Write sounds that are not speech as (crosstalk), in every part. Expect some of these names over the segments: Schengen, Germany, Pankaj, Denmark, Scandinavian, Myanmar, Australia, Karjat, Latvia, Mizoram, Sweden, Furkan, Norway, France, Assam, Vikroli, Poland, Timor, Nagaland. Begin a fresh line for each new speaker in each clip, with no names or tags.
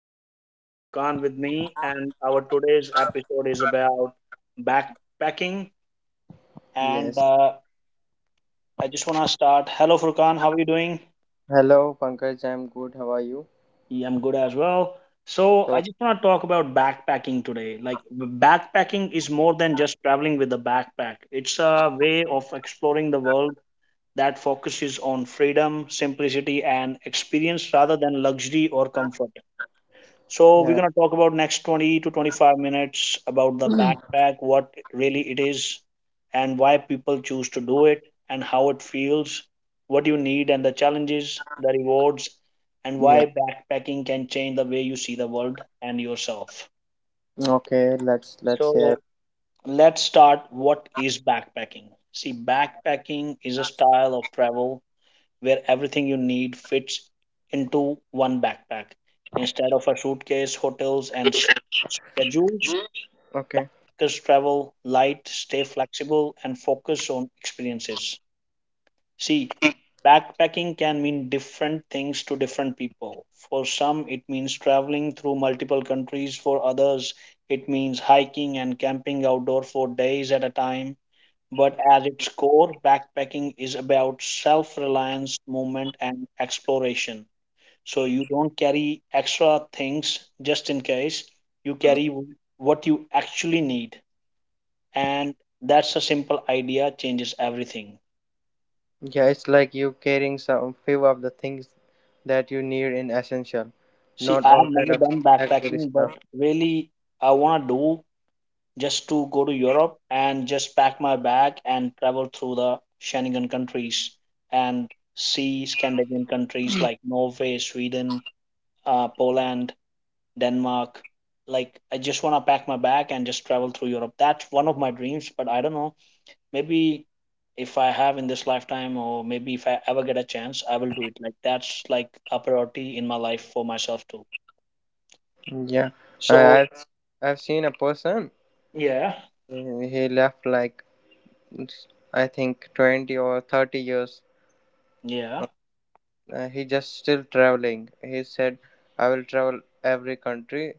and I have Furkan with me. And our today's episode is about backpacking. And
Yes.
I just want to start. Hello, Furkan. How are you doing?
Hello, Pankaj. I'm good. How are you?
Yeah, I'm good as well. So, I
So,
just want to talk about backpacking today. Like, backpacking is more than just traveling with a backpack. It's a way of exploring the world that focuses on freedom, simplicity, and experience rather than luxury or comfort. So we're
yeah,
gonna talk about next 20 to 25 minutes about the backpack, what really it is, and why people choose to do it, and how it feels, what you need, and the challenges, the rewards, and
yeah.
why backpacking can change the way you see the world and yourself.
Okay, let's hear.
So let's start. What is backpacking? See, backpacking is a style of travel where everything you need fits into one backpack. Instead of a suitcase, hotels, and schedules,
Okay.
backpackers travel light, stay flexible, and focus on experiences. See, backpacking can mean different things to different people. For some, it means traveling through multiple countries. For others, it means hiking and camping outdoor for days at a time, but at its core, backpacking is about self reliance, movement, and exploration. So you don't carry extra things just in case, you
Mm.
carry what you actually need. And that's a simple idea, changes everything.
Yeah, it's like you carrying some few of the things that you need in essential,
See,
not
I have
all kind
never
of
done
luxury
backpacking, but
stuff.
really, I want to do just to go to Europe and just pack my bag and travel through the Schengen countries and see Scandinavian countries like Norway, Sweden, Poland, Denmark. Like I just want to pack my bag and just travel through Europe. That's one of my dreams, but I don't know. Maybe if I have in this lifetime, or maybe if I ever get a chance, I will do it. Like that's like a priority in my life for myself too.
Yeah,
So
I- I've I've seen a person.
yeah,
He left like it's- I think 20 or 30 years.
yeah,
He just still traveling. He said, "I will travel every country,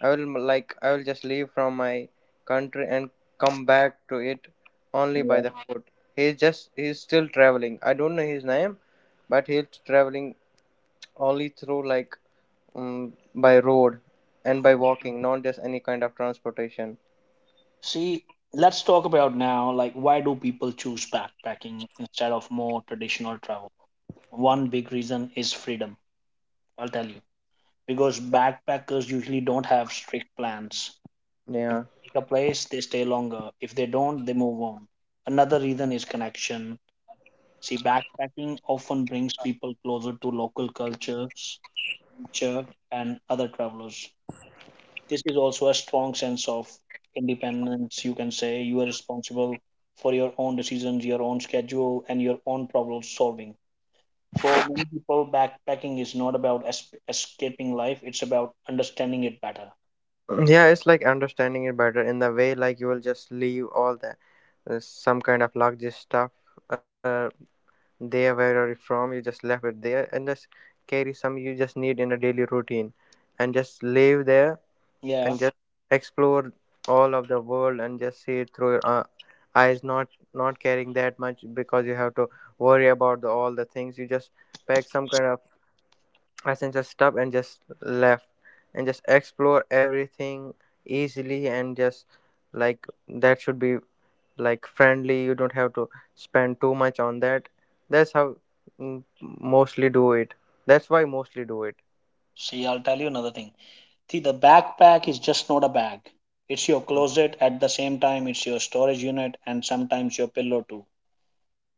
like I will just leave from my country and come back to it only by
yeah.
the food." He's still traveling. I don't know his name, but he's traveling only through, like, by road and by
Hmm.
walking, not just any kind of transportation.
See, let's talk about now. Like, why do people choose backpacking instead of more traditional travel? One big reason is freedom. I'll tell you, because backpackers usually don't have strict plans. If they
Yeah.
pick a place, they stay longer. If they don't, they move on. Another reason is connection. See, backpacking often brings people closer to local cultures culture, and other travelers. This is also a strong sense of independence, you can say. You are responsible for your own decisions, your own schedule, and your own problem solving. For many people, backpacking is not about escaping life, it's about understanding it better.
Yeah, it's like understanding it better in the way, like you will just leave all the some kind of luggage stuff uh, there, where are you from, you just left it there and just carry some you just need in a daily routine and just live there
Yeah.
and just explore all of the world and just see it through your eyes, not caring that much, because you have to worry about all the things. You just pack some kind of, I can just stop and just left and just explore everything easily, and just, like, that should be like friendly. You don't have to spend too much on that. That's how, mostly do it. That's why mostly do it.
See, I'll tell you another thing. See, the backpack is just not a bag. It's your closet. At the same time, it's your storage unit and sometimes your pillow too.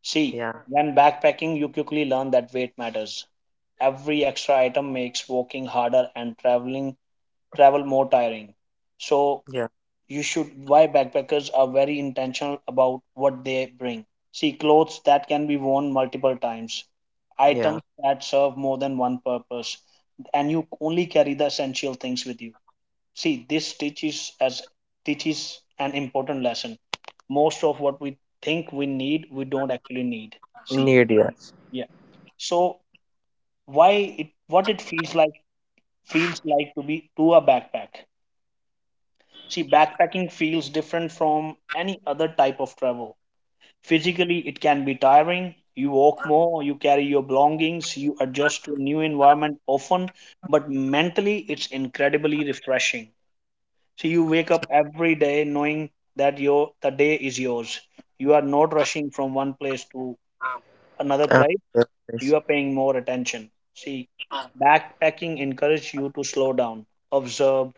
See,
Yeah,
when backpacking, you quickly learn that weight matters. Every extra item makes walking harder and travel more tiring. So
yeah,
you should why backpackers are very intentional about what they bring. See, clothes that can be worn multiple times,
yeah.
items that serve more than one purpose, and you only carry the essential things with you. See, this teaches an important lesson. Most of what we think we need, we don't actually need. See,
Need, yes.
yeah. So why it what it feels like to be to a backpack. See, backpacking feels different from any other type of travel. Physically, it can be tiring. You walk more, you carry your belongings, you adjust to new environment often, but mentally it's incredibly refreshing. So you wake up every day knowing that your the day is yours. You are not rushing from one place to another
Uh,
place.
that's nice.
You are paying more attention. See, backpacking encourages you to slow down, observe,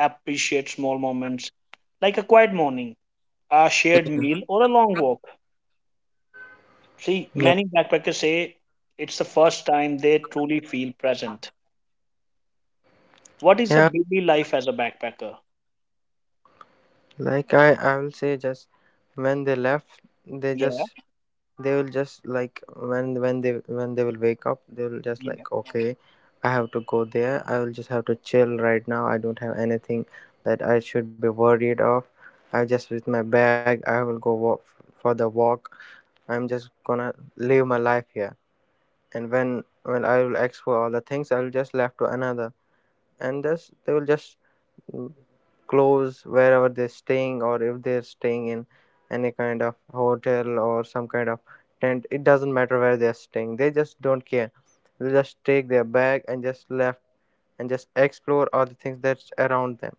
appreciate small moments like a quiet morning, a shared meal, or a long walk. See,
Yeah,
many backpackers say it's the first time they truly feel present. What is the
yeah.
daily life as a backpacker?
Like, I will say, just when they left, they
Yeah,
just, they will just like, when they when they will wake up, they will just
yeah.
like, okay, I have to go there. I will just have to chill right now. I don't have anything that I should be worried of. I just, with my bag, I will go walk for the walk. I'm just gonna live my life here. And when I will ask for all the things, I will just left to another, and thus they will just, mm, clothes wherever they're staying, or if they're staying in any kind of hotel or some kind of tent, it doesn't matter where they're staying, they just don't care. They just take their bag and just left and just explore all the things that's around them.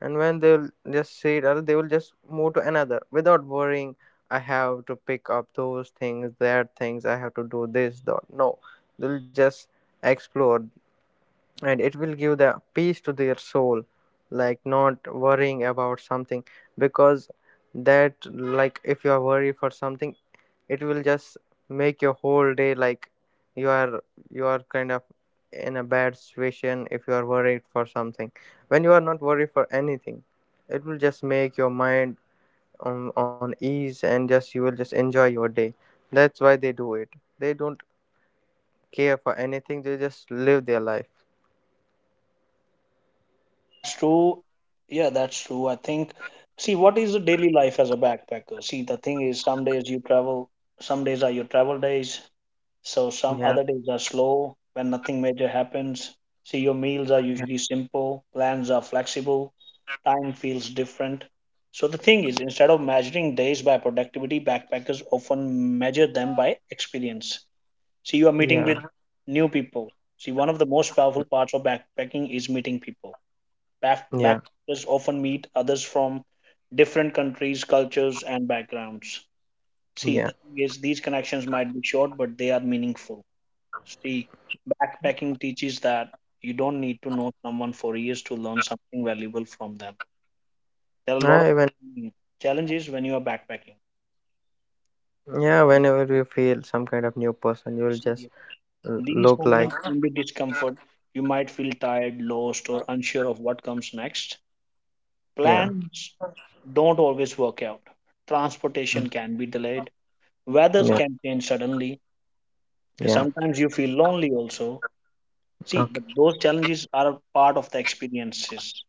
And when, they'll just see it, or they will just move to another without worrying, I have to pick up those things, that things, I have to do this, that. No, they'll just explore, and it will give the peace to their soul, like not worrying about something. Because that, like, if you are worried for something, it will just make your whole day, like you are, you are kind of in a bad situation if you are worried for something. When you are not worried for anything, it will just make your mind on ease, and just you will just enjoy your day. That's why they do it. They don't care for anything, they just live their life.
That's true. Yeah, that's true. I think, see, what is the daily life as a backpacker? See, the thing is, some days you travel, some days are your travel days. So some
Yeah,
other days are slow when nothing major happens. See, your meals are usually simple, plans are flexible, time feels different. So the thing is, instead of measuring days by productivity, backpackers often measure them by experience. See, you are meeting
yeah.
with new people. See, one of the most powerful parts of backpacking is meeting people.
Yeah,
Backpackers often meet others from different countries, cultures, and backgrounds. See,
yeah.
the thing is, these connections might be short, but they are meaningful. See, backpacking teaches that you don't need to know someone for years to learn something valuable from them. There are a lot of
I even,
mm, challenges when you are backpacking.
yeah, whenever you feel some kind of new person, you will just
See, these
look like,
moments can be discomfort. You might feel tired, lost, or unsure of what comes next.
yeah.
Plans don't always work out. Transportation
Mm.
can be delayed. Weather
Yeah,
can change suddenly.
yeah.
Sometimes you feel lonely also. See, but
Okay,
those challenges are a part of the experiences.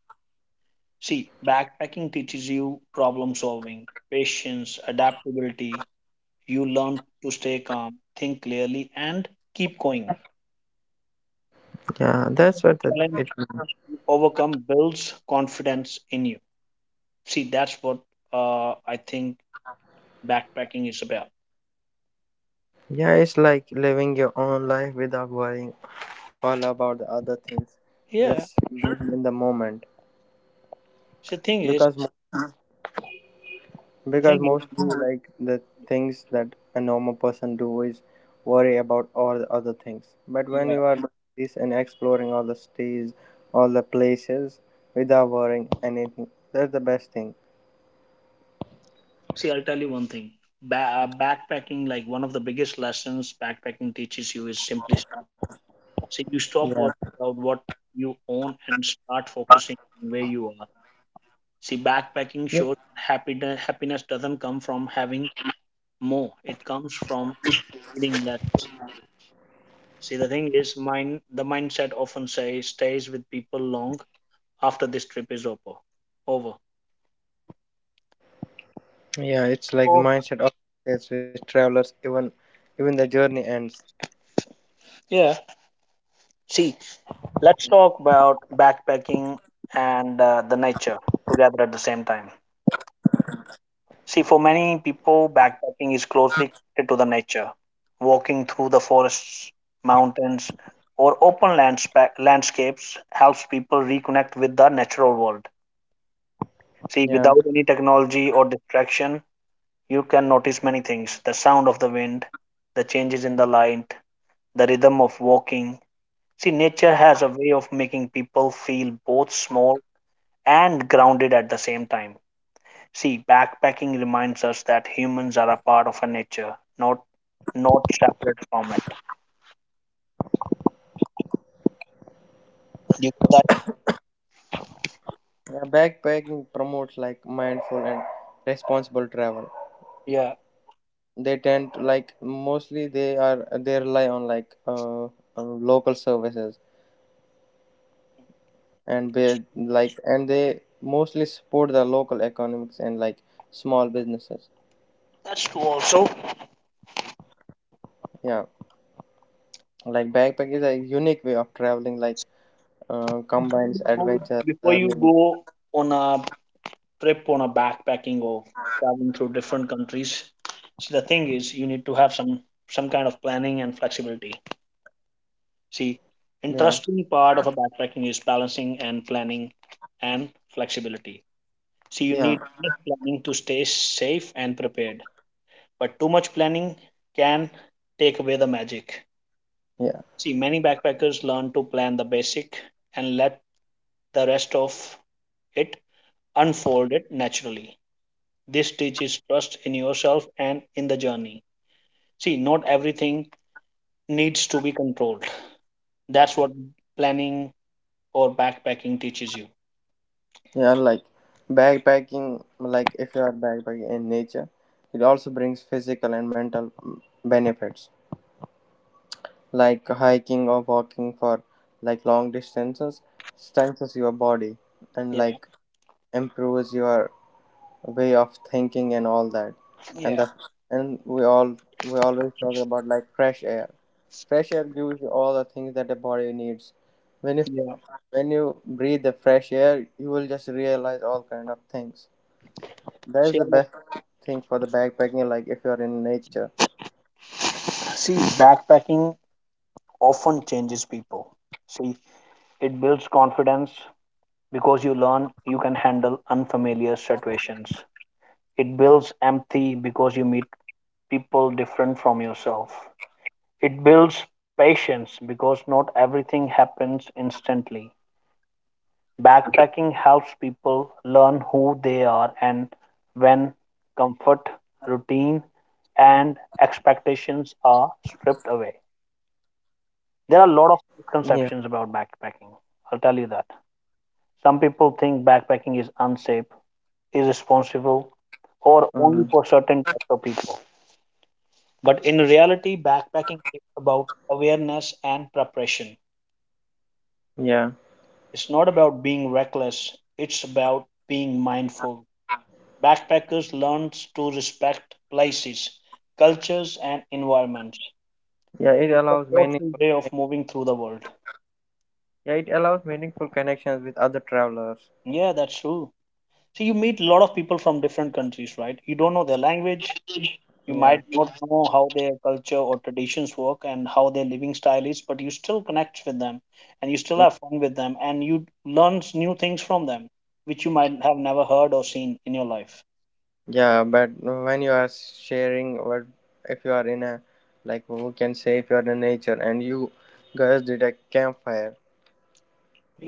See, backpacking teaches you problem solving, patience, adaptability. You learn to stay calm, think clearly, and keep going.
yeah. That's
Every
what, the, it.
challenge you overcome builds confidence in you. See, that's what I think backpacking is about.
Yeah, it's like living your own life without worrying all about the other things. Just
Yeah.
being in the moment,
See, thing is,
because
the thing is,
mostly, like, the things that a normal person do is worry about all the other things, but when
yeah.
you are doing this and exploring all the states, all the places without worrying anything, that's the best thing.
See, I'll tell you one thing. Backpacking, like one of the biggest lessons backpacking teaches you is simplicity. So you stop
Yeah.
worrying about what you own and start focusing on where you are. See,
Yeah.
backpacking shows that happiness doesn't come from having more; it comes from needing less. See, the thing is, mind the mindset often say stays with people long after this trip is over. Over.
Yeah, it's like the
So,
mindset of, it's with travelers, even the journey ends.
yeah. See, let's talk about backpacking and the nature together at the same time. See, for many people, backpacking is closely connected to the nature. Walking through the forests, mountains, or open landscapes helps people reconnect with the natural world. See,
Yeah.
without any technology or distraction, you can notice many things, the sound of the wind, the changes in the light, the rhythm of walking. See, nature has a way of making people feel both small and grounded at the same time. See, backpacking reminds us that humans are a part of a nature, not not separate from it. You that
Yeah, backpacking promotes, like, mindful and responsible travel.
yeah,
They tend to, like, mostly they are, they rely on, like, local services, and they, like, and they mostly support the local economics and, like, small businesses.
that's true. Also,
Yeah, like, backpack is a unique way of traveling, like,
before
combines
you go
adventure
before you
learning.
go on a trip on a backpacking or traveling through different countries, see the thing is you need to have some kind of planning and flexibility. See,
Yeah.
interesting part of a backpacking is balancing and planning and flexibility. See, you
Yeah.
need planning to stay safe and prepared, but too much planning can take away the magic.
Yeah.
See, many backpackers learn to plan the basic and let the rest of it unfold it naturally. This teaches trust in yourself and in the journey. See, not everything needs to be controlled. That's what planning or backpacking teaches you.
Yeah, like, backpacking, like, if you are backpacking in nature, it also brings physical and mental, benefits. Like hiking or walking for, like, long distances, strengthens your body, and,
Yeah,
like, improves your way of thinking and all that. And
yeah,
the, and we all, we always talk about, like, fresh air. Fresh air gives you all the things that the body needs when you
yeah.
when you breathe the fresh air, you will just realize all kind of things. That is
See,
the best thing for the backpacking, like if you're in nature.
see, backpacking often changes people. See, it builds confidence because you learn you can handle unfamiliar situations. It builds empathy because you meet people different from yourself. It builds patience because not everything happens instantly. Backpacking helps people learn who they are and when comfort, routine, and expectations are stripped away. There are a lot
Yeah.
of misconceptions about backpacking. I'll tell you that. Some people think backpacking is unsafe, irresponsible, or
Mhm.
only for certain types of people. But in reality, backpacking is about awareness and preparation.
Yeah.
It's not about being reckless, it's about being mindful. Backpackers learn to respect places, cultures, and environments.
Yeah, it
It's a
allows
thoughtful
meaningful,
way of moving through the world.
yeah, it allows meaningful connections with other travelers.
Yeah, that's true. So you meet a lot of people from different countries, right? You don't know their language, you
Yeah.
might not know how their culture or traditions work and how their living style is, but you still connect with them and you still have fun with them and you learn new things from them which you might have never heard or seen in your life.
Yeah, but when you are sharing, what if you are in a, like, who can say, if you are in nature and you guys did a campfire,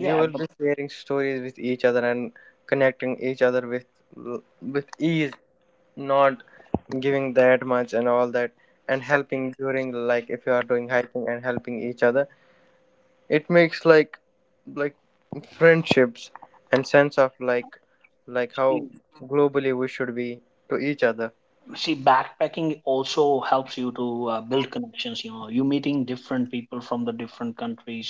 you will
but
be sharing stories with each other and connecting each other with ease, not giving that much and all that, and helping during, like, if you are doing hiking, and helping each other, it makes, like friendships and sense of, like how globally we should be to each other.
see, backpacking also helps you to build connections, you know, you meeting different people from the different countries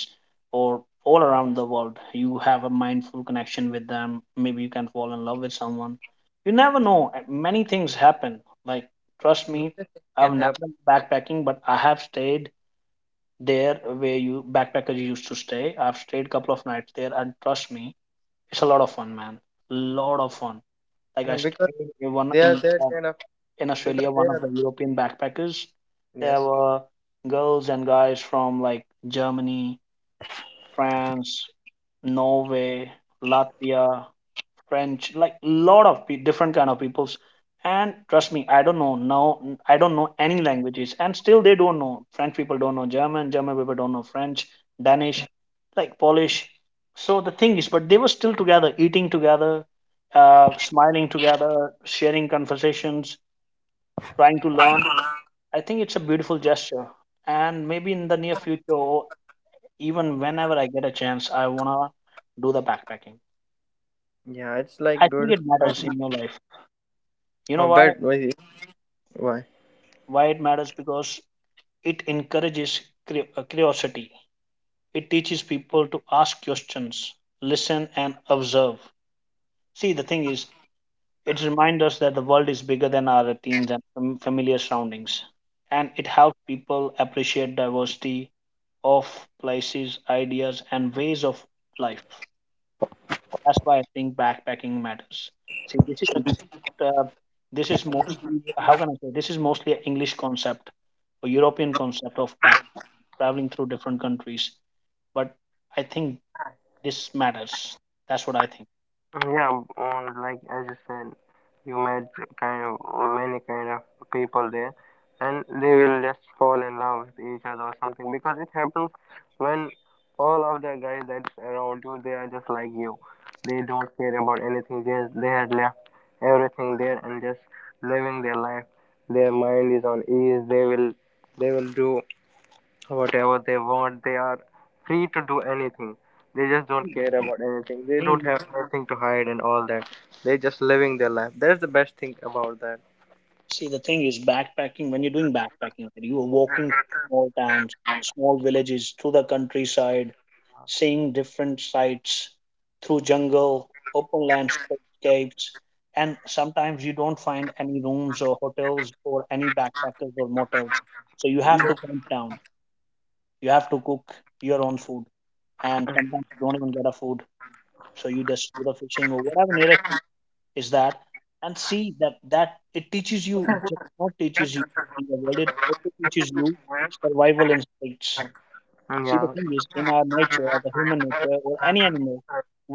or all around the world. You have a mindful connection with them, maybe you can fall in love with someone, you never know. Many things happen, like trust me,
Can
I've
have.
never done backpacking, but I have stayed there where you backpackers used to stay. I've stayed couple of nights there and trust me, it's a lot of fun, man. Lot of fun. Like
Yeah,
I
because
stayed in one
they are that kind of,
in
because
Australia,
they
one of the
are,
European backpackers. There
yes.
were girls and guys from like Germany, France, Norway, Latvia, French, like lot of different kind of peoples. And trust me, I don't know now. I don't know any languages, and still they don't know. French people don't know German. German people don't know French, Danish, like Polish. So the thing is, but they were still together, eating together, smiling together, sharing conversations, trying to learn. I think it's a beautiful gesture. And maybe in the near future, or even whenever I get a chance, I wanna do the backpacking.
Yeah,
I
it's
think
like
it
beautiful,
matters in your
but,
life. You
I
know why?
bet why, why.
Why it matters? Because it encourages curiosity. It teaches people to ask questions, listen, and observe. See, the thing is, it reminds us that the world is bigger than our routines and familiar surroundings, and it helps people appreciate diversity of places, ideas, and ways of life. That's why I think backpacking matters. See, this is a this is mostly, how can I say, this is mostly an English concept or European concept of back traveling through different countries, but I think this matters. That's what I
Yeah, or like as you said, you met kind of many kind of people there, and they will just fall in love with each other, or something, because it happens when all of the guys that's around you, they are just like you. They don't care about anything. They, had left everything there and just living their life. Their mind is on ease. They will do whatever they want. They are free to do anything. They just don't care about anything. They don't
think.
have anything to hide and all that. They're just living their life. That's the best thing about that.
See, the thing is, backpacking, when you're doing backpacking, okay, you are walking small towns, small villages, through the countryside, seeing different sights, through jungle, open landscapes, and sometimes you don't find any rooms or hotels or any backpackers or motels. So you have
Yeah,
to camp down, you have to cook your own food, and sometimes you don't even get a food. So you just do the fishing or whatever nearest is that, and see that it teaches you, it just not teaches you to see the world, it also teaches you survival instincts. See, the
yeah,
thing is, in our nature, the human nature or any animal,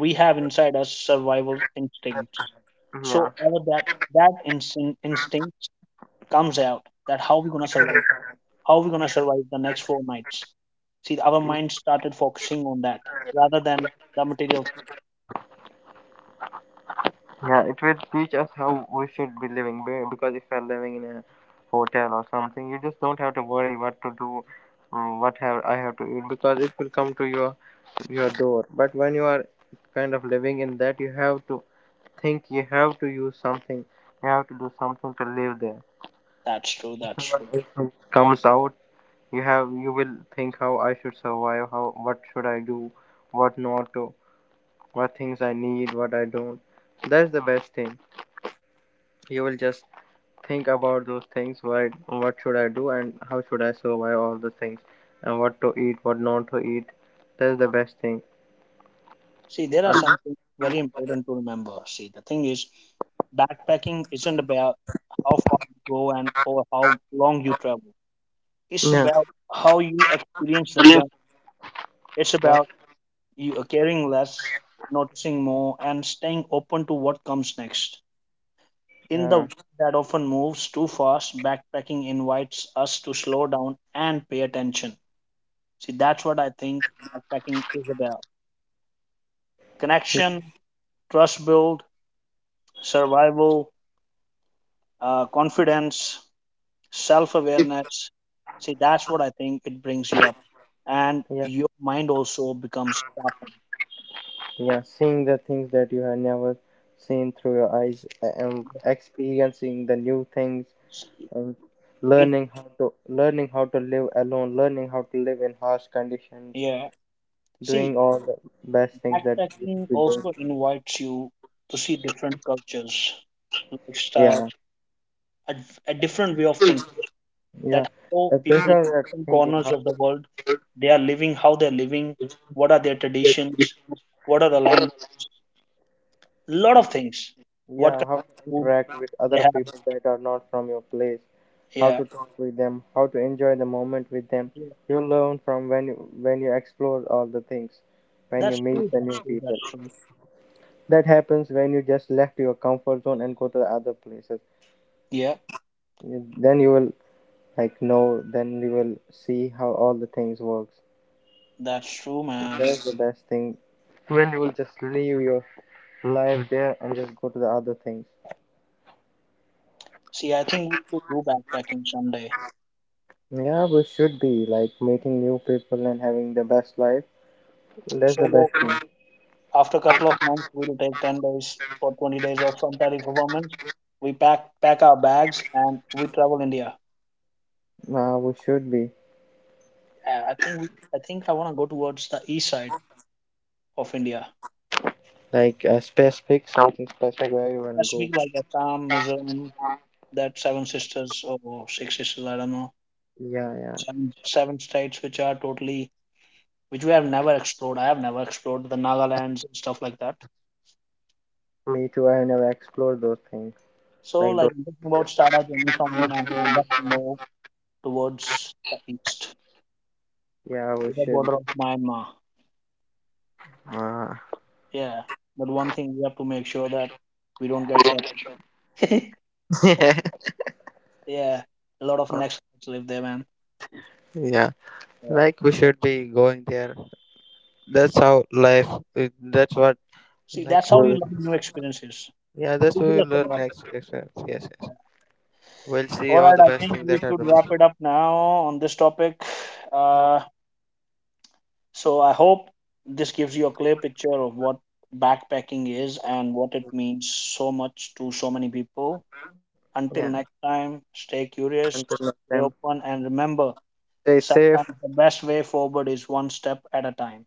we have inside us survival instincts.
yeah.
So all of that, that instinct comes out, that how we're gonna survive, how we're gonna survive the next 4 nights. See, our mind started focusing on that, rather than the material.
Yeah, it will teach us how we should be living. Because if you're living in a hotel or something, you just don't have to worry what to do, what have, I have to eat, because it will come to your, door. But when you are kind of living in that, you have to think, you have to use something, you have to do something to live there.
That's true, that's true.
It comes out. You have, you will think, how I should survive, how, what should I do, what not to, what things I need, what I don't. That's the best thing. You will just think about those things, what should I do, and how should I survive all the things, and what to eat, what not to eat. That's the best thing.
See, there are
Uh,
something very important to remember. See, the thing is, backpacking isn't about how far you go and or how long you travel. It's
yeah
about how you experience the journey. It's
what.
about you are caring less, noticing more, and staying open to what comes next. In the
Uh,
world that often moves too fast, backpacking invites us to slow down and pay attention. See, that's what I think backpacking is about. Connection, trust build, survival, confidence, self awareness. See, that's what I think it brings you up. And
yeah
your mind also becomes sharpened.
Yeah, seeing the things that you have never seen through your eyes and experiencing the new things,
See,
and
it,
learning how to, live alone, learning how to live in harsh conditions,
yeah.
doing
See,
all the best things that you
backpacking
should be doing.
also invites you to see different cultures, lifestyle,
Yeah,
a, a different way of thinking.
yeah.
That how
If there's
people in
no
different
thinking
corners
how.
of the world they are living, how they're living, what are their traditions, what are the language, lot of things. What kind
Yeah, how to
of food
interact with
they
other
have?
people that are not from your place, how
Yeah.
to talk with them, how to enjoy the moment with them. You learn from, when you explore all the things, when you
That's
meet
true.
the new
That's true.
people.
That's true.
That happens when you just left your comfort zone and go to the other places.
Yeah,
Then you will, like, know. Then you will see how all the things works.
that's true, man.
That's the best thing. When you will just leave your life there and just go to the other things.
See, I think we should do backpacking someday.
Yeah, we should be like meeting new people and having the best life. That's the best
So
thing.
after a couple of months, we'll take 10 days or 20 days off from tardy performance. We pack our bags and we travel India.
We should be,
I think I think I want to go towards the east side of India.
like a specific, something specific where you wanna
That's
go.
big, like Assam, Mizoram, that seven sisters or six sisters. I don't know.
Yeah, yeah.
Seven states which are totally, which we have never explored. I have never explored the Nagalands and stuff like that.
Me too, I never explored those things.
So,
Like
like I'm talking about
those.
Sara journey from West Timor towards the east
Yeah, we
to the
should.
border of Myanmar.
Uh,
Yeah, but one thing we have to make sure, that we don't get shot. (laughs)
(laughs)
Yeah, a lot of next live there, man.
yeah,
Yeah.
like we
Yeah.
should be going there. That's how life. That's what,
See,
like,
that's
we
how you learn new experiences.
Yeah, that's what
Teaches
we will
us a
learn
lot.
next. Yes, yes, yes. We'll see
All
all
right,
the
I
best
think
things
we
that are
should
the
wrap
missing.
it up now on this topic. Uh, so I hope this gives you a clear picture of what backpacking is and what it means so much to so many people.
Yeah,
Until next time, stay curious,
until next
stay
time.
open, and remember,
Stay safe.
sometimes the best way forward is one step at a time.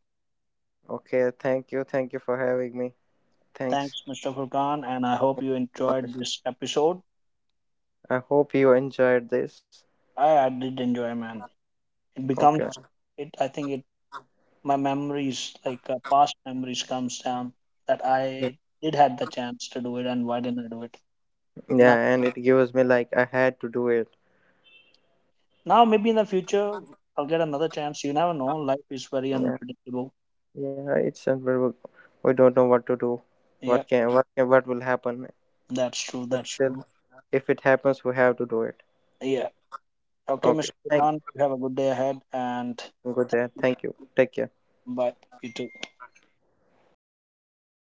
Okay, thank you. Thank you for having me. Thanks.
Thanks, Mr. Furkan, and I hope you enjoyed this episode.
I hope you enjoyed this.
I did enjoy, man. It becomes
Okay.
it. I think it. My memories, like past memories, comes down, that I did had the chance to do it, and why didn't I do it? Now,
Yeah, and it gives me, like, I had to do it.
now maybe in the future I'll get another chance. You never know. Life is very
Yeah.
unpredictable.
Yeah, it's unbearable. We don't know what to do.
Yeah,
What can, what will happen?
that's true.
But
That's
still,
true.
if it happens, we have to do it.
Yeah. Okay,
Okay.
Mr.
Thank
Khan, you have a good day ahead and
you. Good day. Thank you. Take care.
bye. You too.